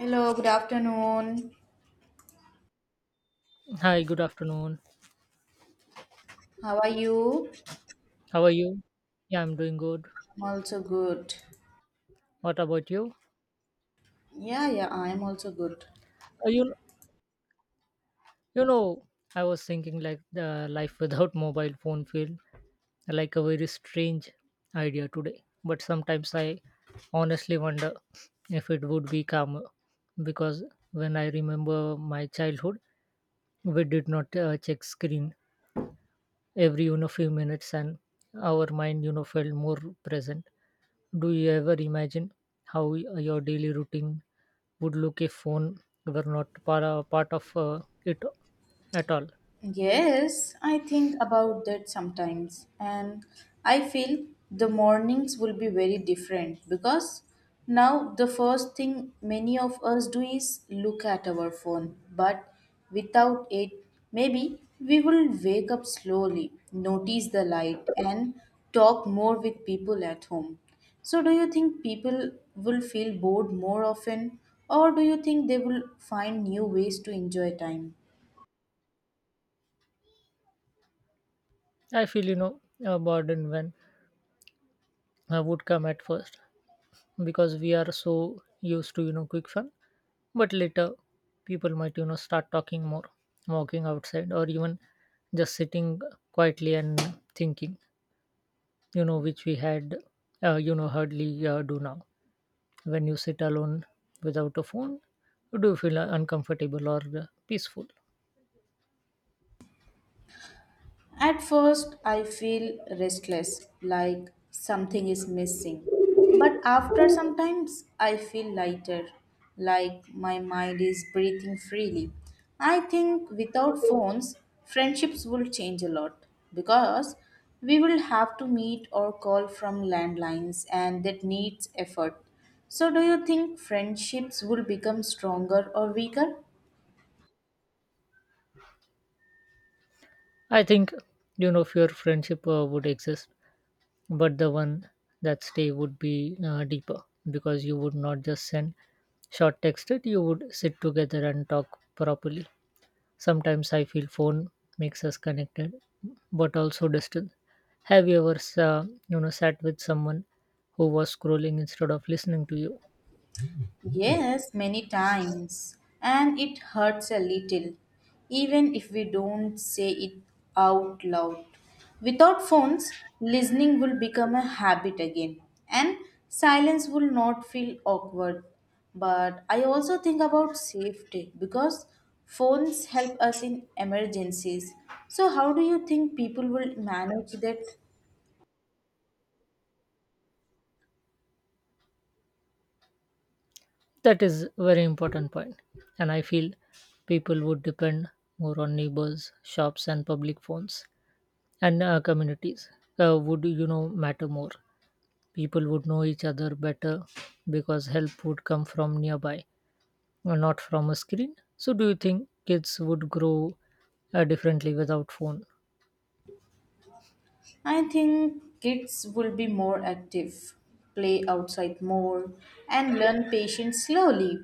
Hello, good afternoon. Hi, good afternoon. How are you? How are you? Yeah, I'm doing good. I'm also good. What about you? Yeah, yeah, I'm also good. Uh, you you know, I was thinking like the life without mobile phone feel like a very strange idea today. But sometimes I honestly wonder if it would be calmer because when I remember my childhood, we did not check screen every few minutes, and our mind felt more present. Do you ever imagine how your daily routine would look if phone were not part of it at all? Yes, I think about that sometimes, and I feel the mornings will be very different because now the first thing many of us do is look at our phone, but without it, maybe we will wake up slowly, notice the light, and talk more with people at home. So, do you think people will feel bored more often, or do you think they will find new ways to enjoy time? I feel a burden when I would come at first because we are so used to quick fun, but later people might start talking more, walking outside, or even just sitting quietly and thinking, which we had hardly do now. When you sit alone without a phone, do you feel uncomfortable or peaceful? At first, I feel restless, like something is missing. But after some times, I feel lighter, like my mind is breathing freely. I think without phones, friendships will change a lot because we will have to meet or call from landlines, and that needs effort. So, do you think friendships will become stronger or weaker? I think if your friendship would exist, but the one that stay would be deeper because you would not just send short text it you would sit together and talk properly. Sometimes I feel phone makes us connected but also distant. Have you ever sat with someone who was scrolling instead of listening to you? Yes, many times. And it hurts a little, even if we don't say it out loud. Without phones, listening will become a habit again, and silence will not feel awkward. But I also think about safety because phones help us in emergencies. So, how do you think people will manage that? That is very important point, and I feel people would depend more on neighbors, shops, and public phones, and communities would matter more. People would know each other better because help would come from nearby, not from a screen. So, do you think kids would grow differently without phone? I think kids will be more active, play outside more, and learn patience slowly.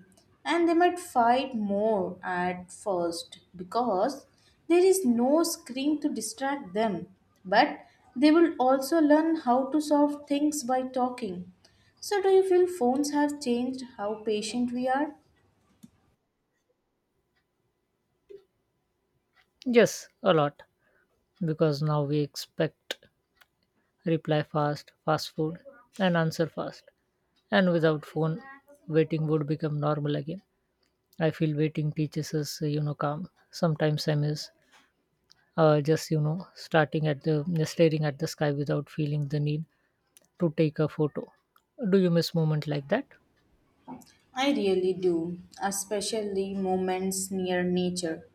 And they might fight more at first because there is no screen to distract them. But they will also learn how to solve things by talking. So, do you feel phones have changed how patient we are? Yes, a lot because now we expect reply fast, fast food, and answer fast, and without phone, waiting would become normal again. I feel waiting teaches us, calm. Sometimes I miss just, starting at the staring at the sky without feeling the need to take a photo. Do you miss moment like that? I really do, especially moments near nature,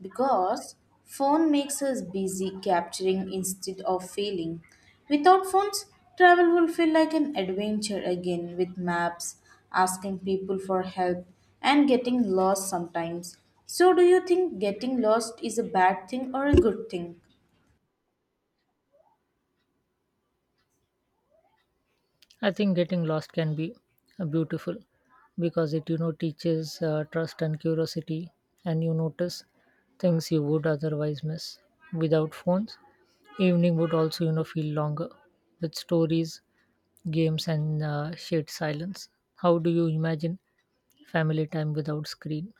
because phone makes us busy capturing instead of feeling. Without phones, travel will feel like an adventure again with maps, asking people for help, and getting lost sometimes. So, do you think getting lost is a bad thing or a good thing? I think getting lost can be beautiful because it, teaches trust and curiosity, and you notice things you would otherwise miss. Without phones, evening would also, feel longer with stories, games, and shared silence. How do you imagine family time without screen?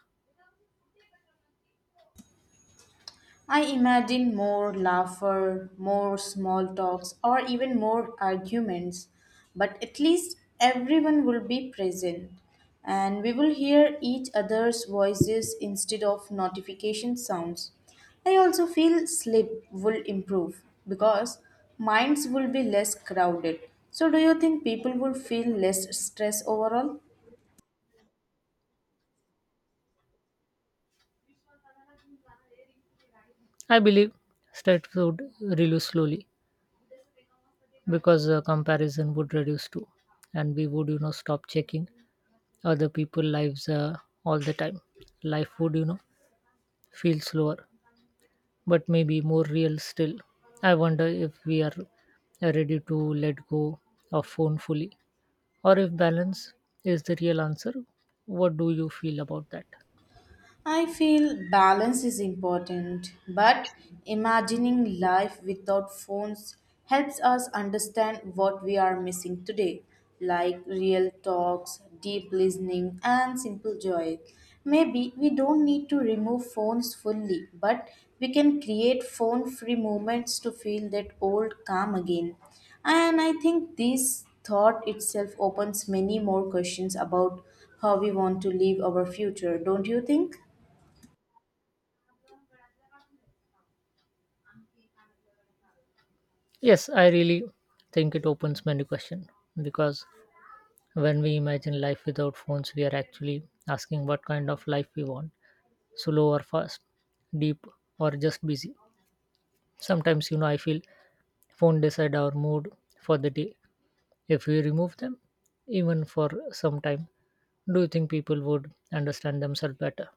I imagine more laughter, more small talks, or even more arguments, but at least everyone will be present and we will hear each other's voices instead of notification sounds. I also feel sleep will improve because minds will be less crowded. So, do you think people will feel less stress overall? I believe stress would reduce slowly because comparison would reduce too, and we would stop checking other people' lives all the time. Life would feel slower, but maybe more real still. I wonder if we are ready to let go of phone fully, or if balance is the real answer. What do you feel about that? I feel balance is important, but imagining life without phones helps us understand what we are missing today, like real talks, deep listening, and simple joy. Maybe we don't need to remove phones fully, but we can create phone free moments to feel that old calm again. And I think this thought itself opens many more questions about how we want to live our future, don't you think? Yes, I really think it opens many questions because when we imagine life without phones, we are actually asking what kind of life we want slow or fast, deep or just busy. Sometimes, I feel phone decide our mood for the day. If we remove them, even for some time, do you think people would understand themselves better?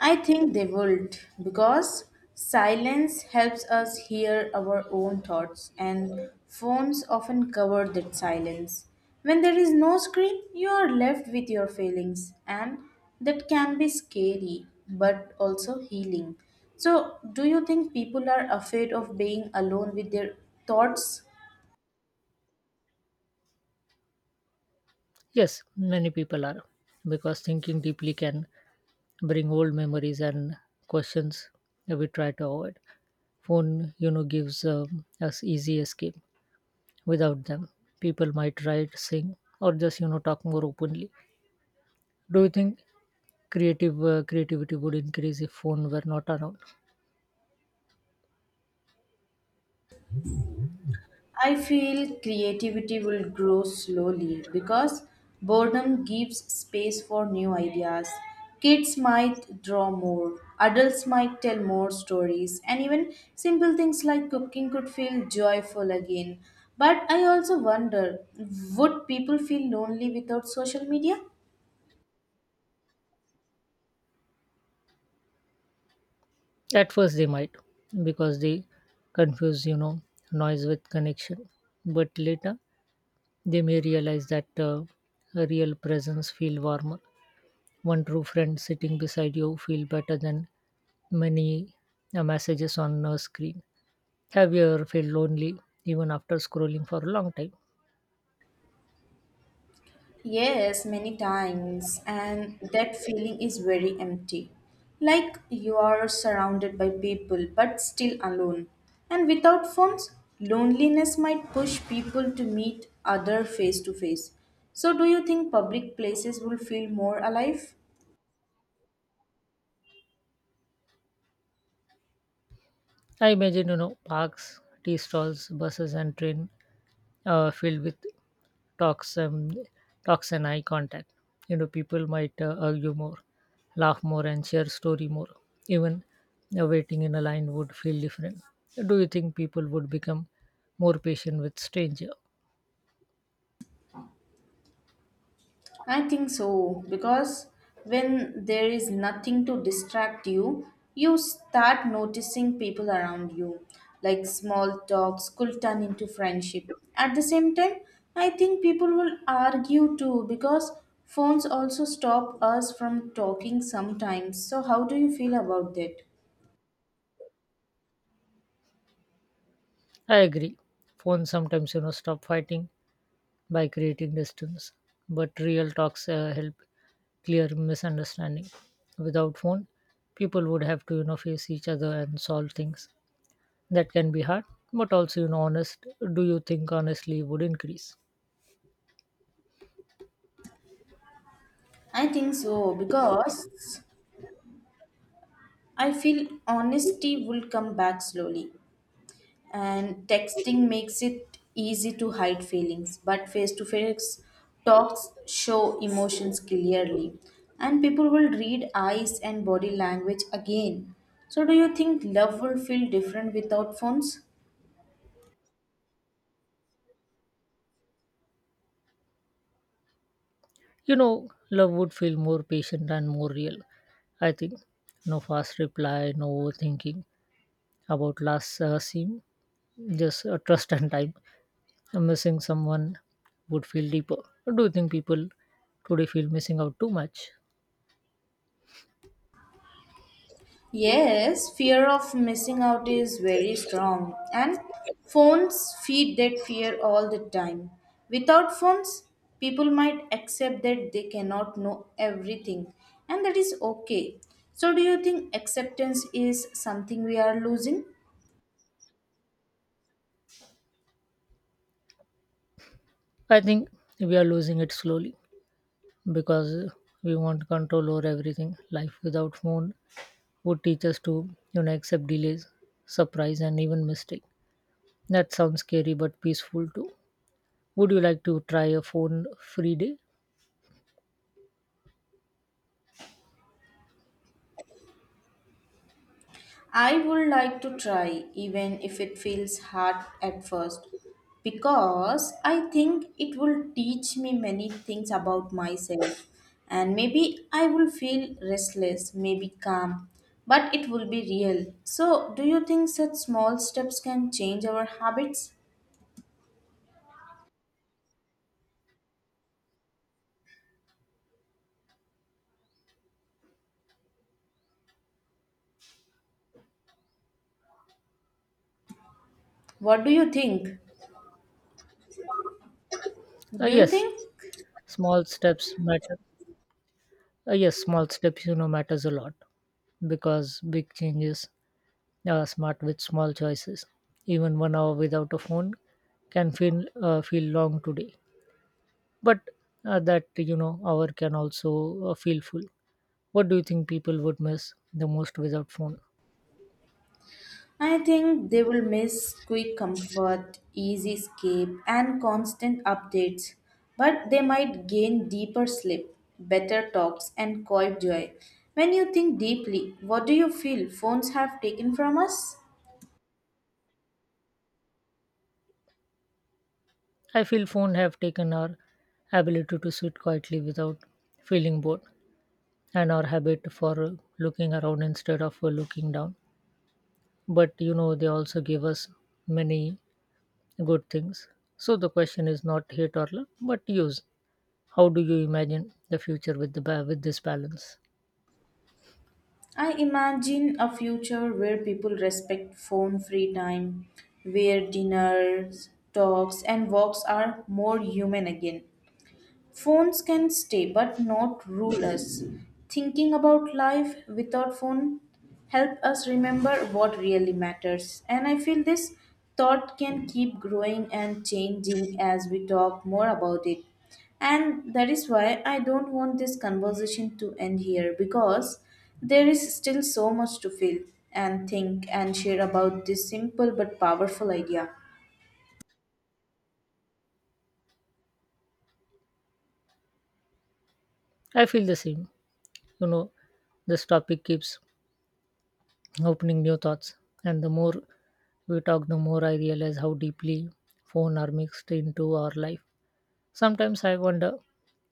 I think they would because silence helps us hear our own thoughts, and phones often cover that silence. When there is no screen, you are left with your feelings, and that can be scary but also healing. So, do you think people are afraid of being alone with their thoughts? Yes, many people are, because thinking deeply can bring old memories and questions that we try to avoid. Phone, gives us easy escape. Without them, people might write sing or just talk more openly. Do you think creative creativity would increase if phone were not around? I feel creativity will grow slowly because boredom gives space for new ideas. Kids might draw more, adults might tell more stories, and even simple things like cooking could feel joyful again. But I also wonder, would people feel lonely without social media? At first they might, because they confuse noise with connection. But later they may realize that a real presence feel warmer. One true friend sitting beside you feel better than many messages on a screen. Have you ever felt lonely even after scrolling for a long time? Yes, many times, and that feeling is very empty. Like you are surrounded by people but still alone. And without phones, loneliness might push people to meet other face to face. So, do you think public places will feel more alive? I imagine, parks, tea stalls, buses, and train filled with talks, um, talks and eye contact. People might argue more, laugh more, and share story more. Even waiting in a line would feel different. Do you think people would become more patient with stranger? I think so, because when there is nothing to distract you, you start noticing people around you. Like small talks could turn into friendship. At the same time, I think people will argue too because phones also stop us from talking sometimes. So, how do you feel about that? I agree. Phones sometimes, stop fighting by creating distance. But real talks help clear misunderstanding. Without phone, people would have to face each other and solve things that can be hard, but also honest. Do you think honestly would increase? I think so because I feel honesty will come back slowly. And texting makes it easy to hide feelings, but face to face talks show emotions clearly, and people will read eyes and body language again. So, do you think love will feel different without phones? Love would feel more patient and more real. I think no fast reply, no overthinking about last scene, just trust and time. Missing someone would feel deeper. Do you think people today feel missing out too much? Yes, fear of missing out is very strong, and phones feed that fear all the time. Without phones, people might accept that they cannot know everything, and that is okay. So, do you think acceptance is something we are losing? I think we are losing it slowly because we want control over everything. Life without phone would teach us to, accept delays, surprise, and even mistake. That sounds scary but peaceful too. Would you like to try a phone-free day? I would like to try, even if it feels hard at first, because I think it will teach me many things about myself. And maybe I will feel restless, maybe calm, but it will be real. So, do you think such small steps can change our habits? What do you think? Uh, Do you yes, think? small steps matter. Yes, small steps, matters a lot because big changes are smart with small choices. Even 1 hour without a phone can feel long today. But that hour can also feel full. What do you think people would miss the most without phone? I think they will miss quick comfort, easy escape, and constant updates, but they might gain deeper sleep, better talks, and quiet joy. When you think deeply, what do you feel phones have taken from us? I feel phone have taken our ability to sit quietly without feeling bored and our habit for looking around instead of looking down. But they also give us many good things, so the question is not hate or love but use. How do you imagine the future with with this balance? I imagine a future where people respect phone free time, where dinners, talks, and walks are more human again. Phones can stay, but not rule us. Thinking about life without phone help us remember what really matters. And I feel this thought can keep growing and changing as we talk more about it. And that is why I don't want this conversation to end here, because there is still so much to feel and think and share about this simple but powerful idea. I feel the same. you know this topic keeps opening new thoughts. And the more we talk, the more I realize how deeply phone are mixed into our life. Sometimes I wonder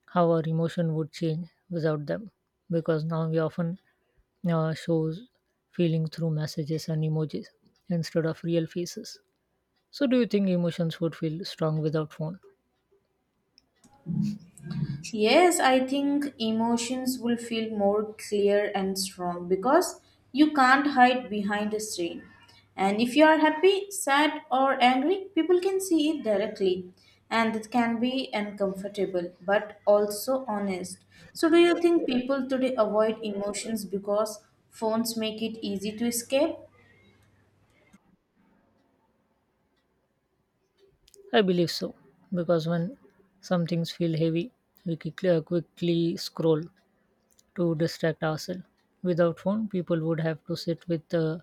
how our emotion would change without them, because now we often shows feeling through messages and emojis instead of real faces. So, do you think emotions would feel strong without phone? Yes, I think emotions will feel more clear and strong because you can't hide behind a screen. And if you are happy, sad, or angry, people can see it directly. And it can be uncomfortable but also honest. So, do you think people today avoid emotions because phones make it easy to escape? I believe so, because when some things feel heavy, we quickly scroll to distract ourselves. Without phone, people would have to sit with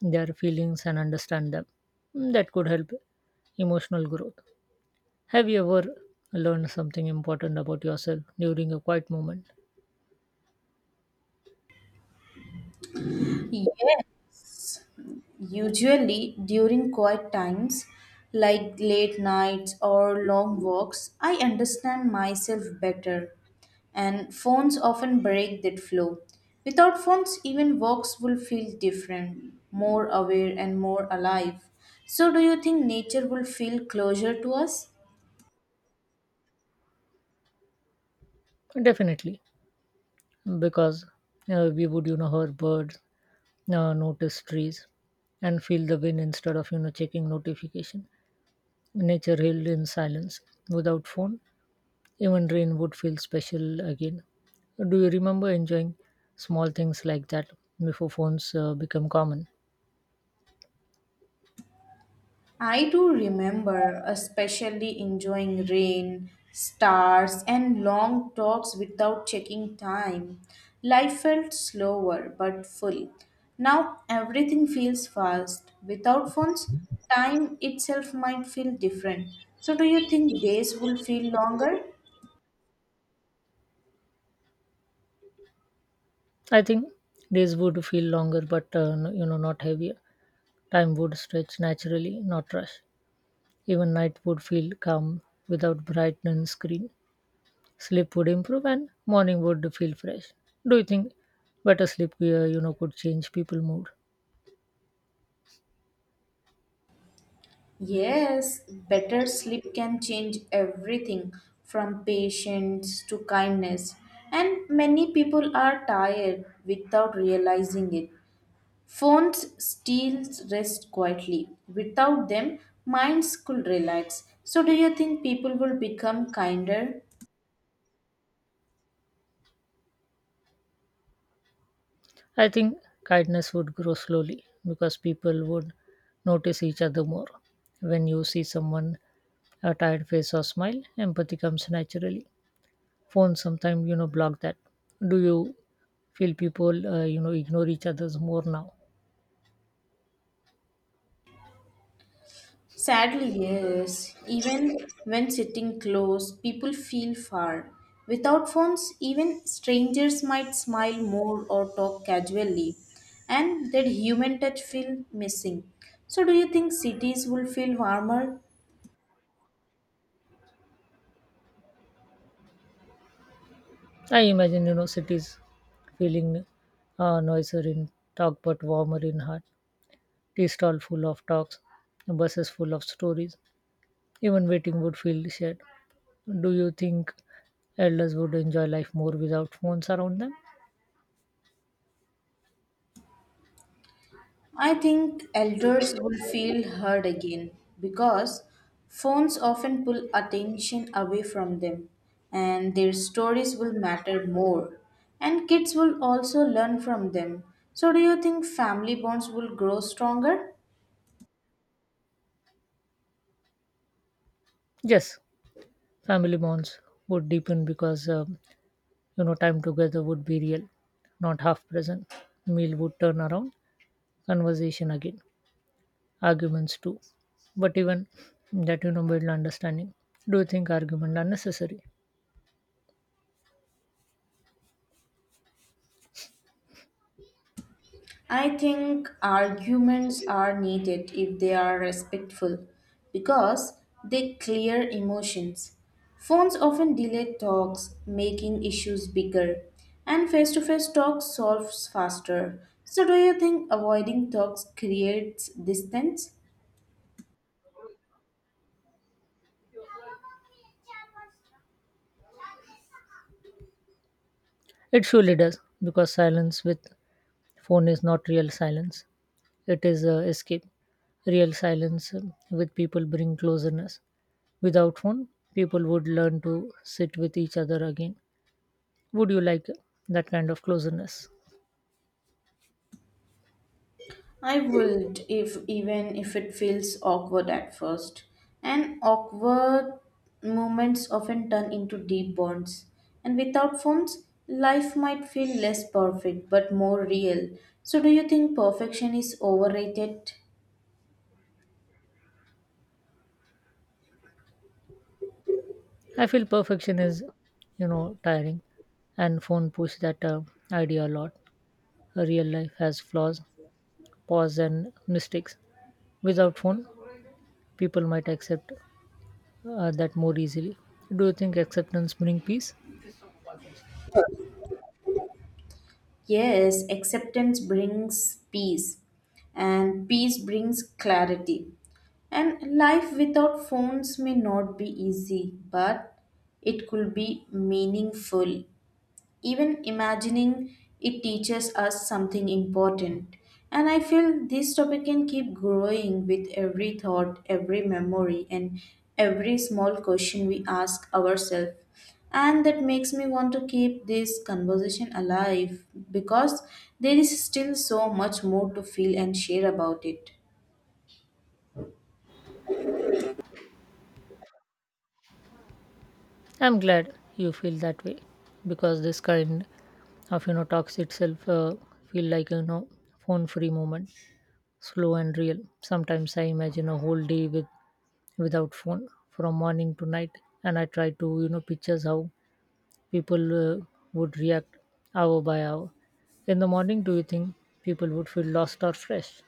their feelings and understand them. Mm, that could help emotional growth. Have you ever learned something important about yourself during a quiet moment? Yes. Usually, during quiet times, like late nights or long walks, I understand myself better, and phones often break that flow. Without phones, even walks will feel different, more aware, and more alive. So, do you think nature will feel closer to us? Definitely, because we would, hear birds, notice trees, and feel the wind instead of, checking notification. Nature healed in silence. Without phone, even rain would feel special again. Do you remember enjoying small things like that before phones become common? I do remember, especially enjoying rain, stars, and long talks without checking time. Life felt slower but full. Now everything feels fast. Without phones, time itself might feel different. So, do you think days will feel longer? I think days would feel longer, but not heavier. Time would stretch naturally, not rush. Even night would feel calm without bright and screen. Sleep would improve, and morning would feel fresh. Do you think better sleep, could change people' mood? Yes, better sleep can change everything from patience to kindness. And many people are tired without realizing it. Phones steals rest quietly. Without them, minds could relax. So, do you think people will become kinder? I think kindness would grow slowly because people would notice each other more. When you see someone a tired face or smile, empathy comes naturally. Phones sometimes block that. Do you feel people ignore each others more now? Sadly, yes. Even when sitting close, people feel far. Without phones, even strangers might smile more or talk casually, and that human touch feel missing. So, do you think cities will feel warmer? I imagine cities feeling noiser in talk but warmer in heart. Tea stall full of talks, buses full of stories, even waiting would feel shared. Do you think elders would enjoy life more without phones around them? I think elders will feel heard again because phones often pull attention away from them, and their stories will matter more. And kids will also learn from them. So, do you think family bonds will grow stronger? Yes, family bonds would deepen because time together would be real, not half present. Meal would turn around conversation again, arguments too, but even that build understanding. Do you think argument are necessary? I think arguments are needed if they are respectful because they clear emotions. Phones often delay talks, making issues bigger, and face to face talks solves faster. So, do you think avoiding talks creates distance? It surely does because silence with phone is not real silence. It is escape. Real silence with people bring closeness. Without phone, people would learn to sit with each other again. Would you like that kind of closeness? I would, if even if it feels awkward at first. And awkward moments often turn into deep bonds. And without phones, life might feel less perfect but more real. So, do you think perfection is overrated? I feel perfection is tiring, and phone push that idea a lot. Her real life has flaws, pause and mistakes. Without phone, people might accept that more easily. Do you think acceptance brings peace? Yes, acceptance brings peace and peace brings clarity. And life without phones may not be easy, but it could be meaningful. Even imagining it teaches us something important. And I feel this topic can keep growing with every thought, every memory, and every small question we ask ourselves. And that makes me want to keep this conversation alive because there is still so much more to feel and share about it. I'm glad you feel that way because this kind of talks itself feel like phone free moment, slow and real. Sometimes I imagine a whole day without phone from morning to night, and I try to pictures how people would react hour by hour. In the morning, do you think people would feel lost or fresh?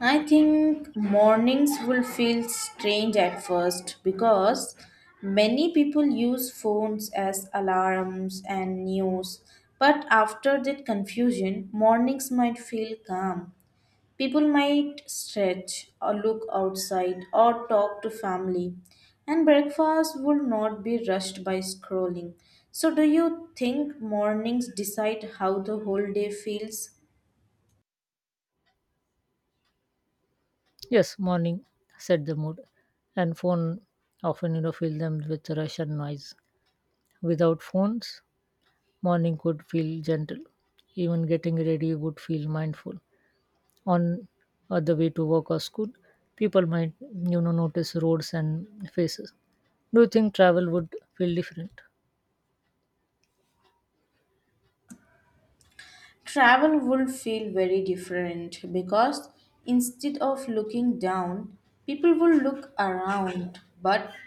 I think mornings will feel strange at first because many people use phones as alarms and news. But after that confusion, mornings might feel calm. People might stretch or look outside or talk to family. And breakfast will not be rushed by scrolling. So, do you think mornings decide how the whole day feels? Yes, morning set the mood, and phone often fill them with rush and noise. Without phones, morning could feel gentle. Even getting ready would feel mindful. On the way to work or school, people might notice roads and faces. Do you think travel would feel different? Travel would feel very different because instead of looking down, people will look around. But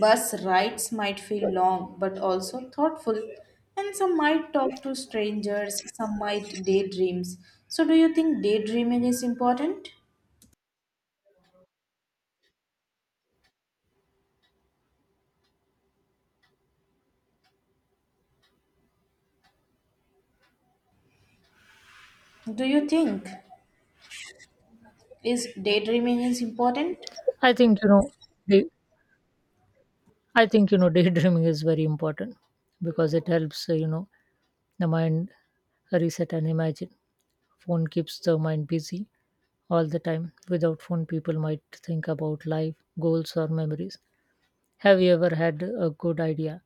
bus rides might feel long but also thoughtful, and some might talk to strangers, some might daydreams. So, do you think daydreaming is important? Do you think is daydreaming is important I think you know. Day, I think daydreaming is very important because it helps the mind reset and imagine. Phone keeps the mind busy all the time. Without phone, people might think about life, goals, or memories. Have you ever had a good idea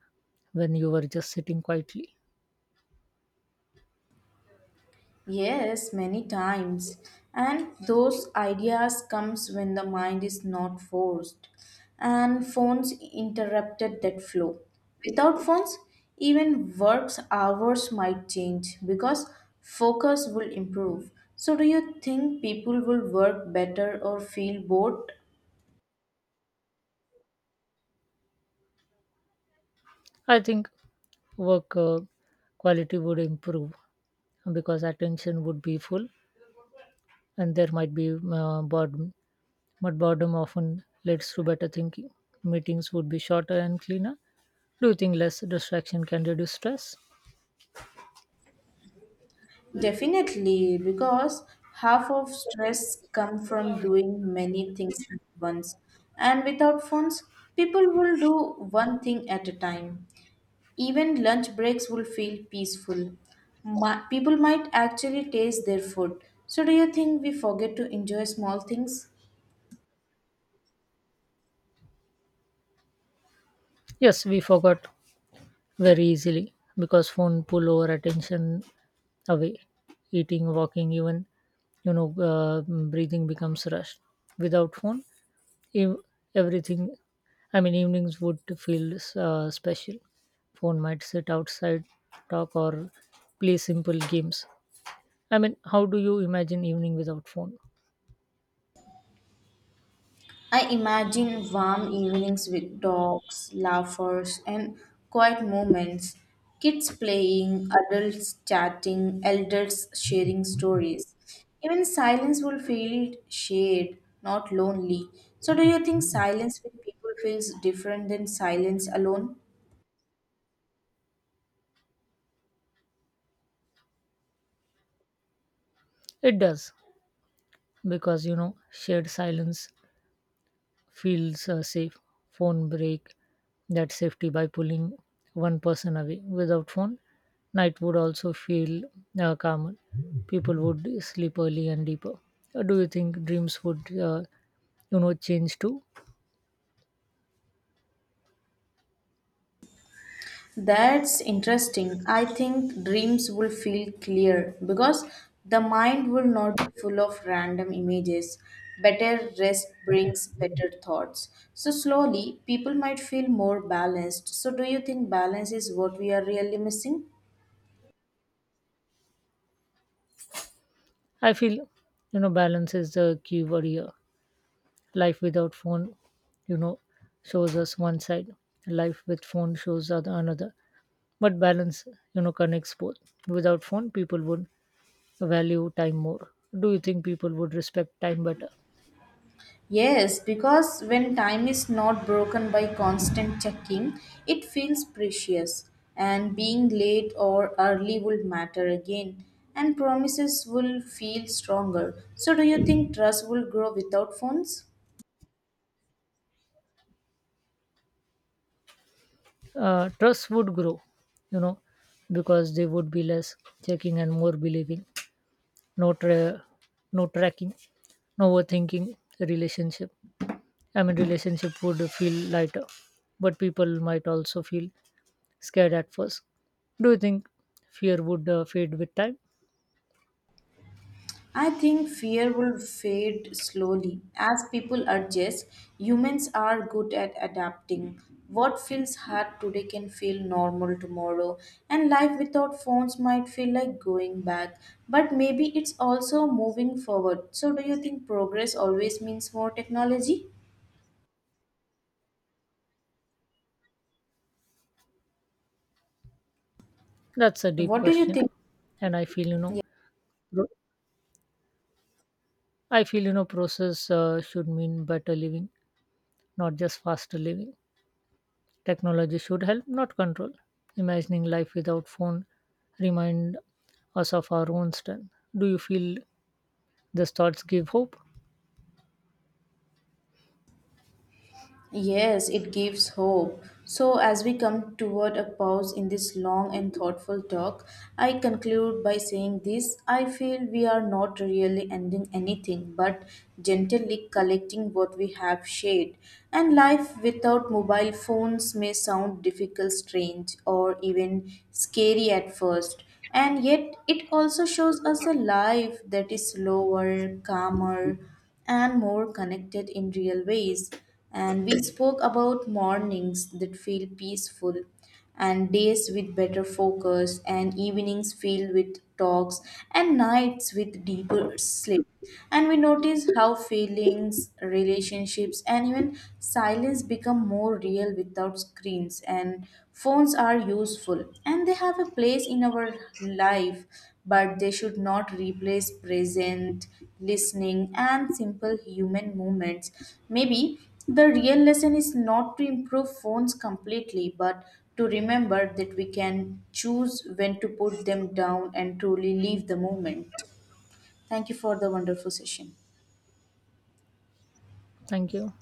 when you were just sitting quietly? Yes, many times. And those ideas comes when the mind is not forced. And phones interrupted that flow. Without phones, even work's hours might change because focus will improve. So, do you think people will work better or feel bored? I think work quality would improve because attention would be full and there might be boredom. But boredom often leads to better thinking. Meetings would be shorter and cleaner. Do you think less distraction can reduce stress? Definitely, because half of stress come from doing many things at once. And without phones, people will do one thing at a time. Even lunch breaks will feel peaceful. People might actually taste their food. So, do you think we forget to enjoy small things? Yes, we forgot very easily because phone pull our attention away. Eating walking even you know uh, breathing becomes rushed. Without phone ev- everything, I mean evenings would feel special. Phone might sit outside, talk or play simple games. I mean how do you imagine evening without phone? I imagine warm evenings with dogs, laughers, and quiet moments. Kids playing, adults chatting, elders sharing stories. Even silence will feel shared, not lonely. So, do you think silence with people feels different than silence alone? It does because shared silence feels safe. Phone break that safety by pulling one person away. Without phone, night would also feel calmer. People would sleep early and deeper. Do you think dreams would, change too? That's interesting. I think dreams will feel clear because the mind will not be full of random images. Better rest brings better thoughts. So, slowly, people might feel more balanced. So, do you think balance is what we are really missing? I feel, balance is the key word here. Life without phone, you know, shows us one side. Life with phone shows other another. But balance, connects both. Without phone, people would value time more. Do you think people would respect time better? Yes, because when time is not broken by constant checking, it feels precious, and being late or early would matter again, and promises will feel stronger. So, do you think trust will grow without phones? Trust would grow you know because they would be less checking and more believing. no tra- no tracking, no overthinking relationship. I mean relationship would feel lighter. But people might also feel scared at first. Do you think fear would fade with time? I think fear will fade slowly. As people adjust, humans are good at adapting. What feels hard today can feel normal tomorrow, and life without phones might feel like going back. But maybe it's also moving forward. So, do you think progress always means more technology? That's a deep What do you question, think? and I feel process should mean better living, not just faster living. Technology should help, not control. Imagining life without phone remind us of our own strength. Do you feel these thoughts give hope? Yes, it gives hope. So, as we come toward a pause in this long and thoughtful talk, I conclude by saying this. I feel we are not really ending anything but gently collecting what we have shared. And life without mobile phones may sound difficult, strange, or even scary at first. And yet, it also shows us a life that is slower, calmer, and more connected in real ways. And we spoke about mornings that feel peaceful, and days with better focus, and evenings filled with talks, and nights with deeper sleep. And we notice how feelings, relationships, and even silence become more real without screens. And phones are useful and they have a place in our life, but they should not replace present listening and simple human moments. Maybe the real lesson is not to improve phones completely, but to remember that we can choose when to put them down and truly leave the moment. Thank you for the wonderful session. Thank you.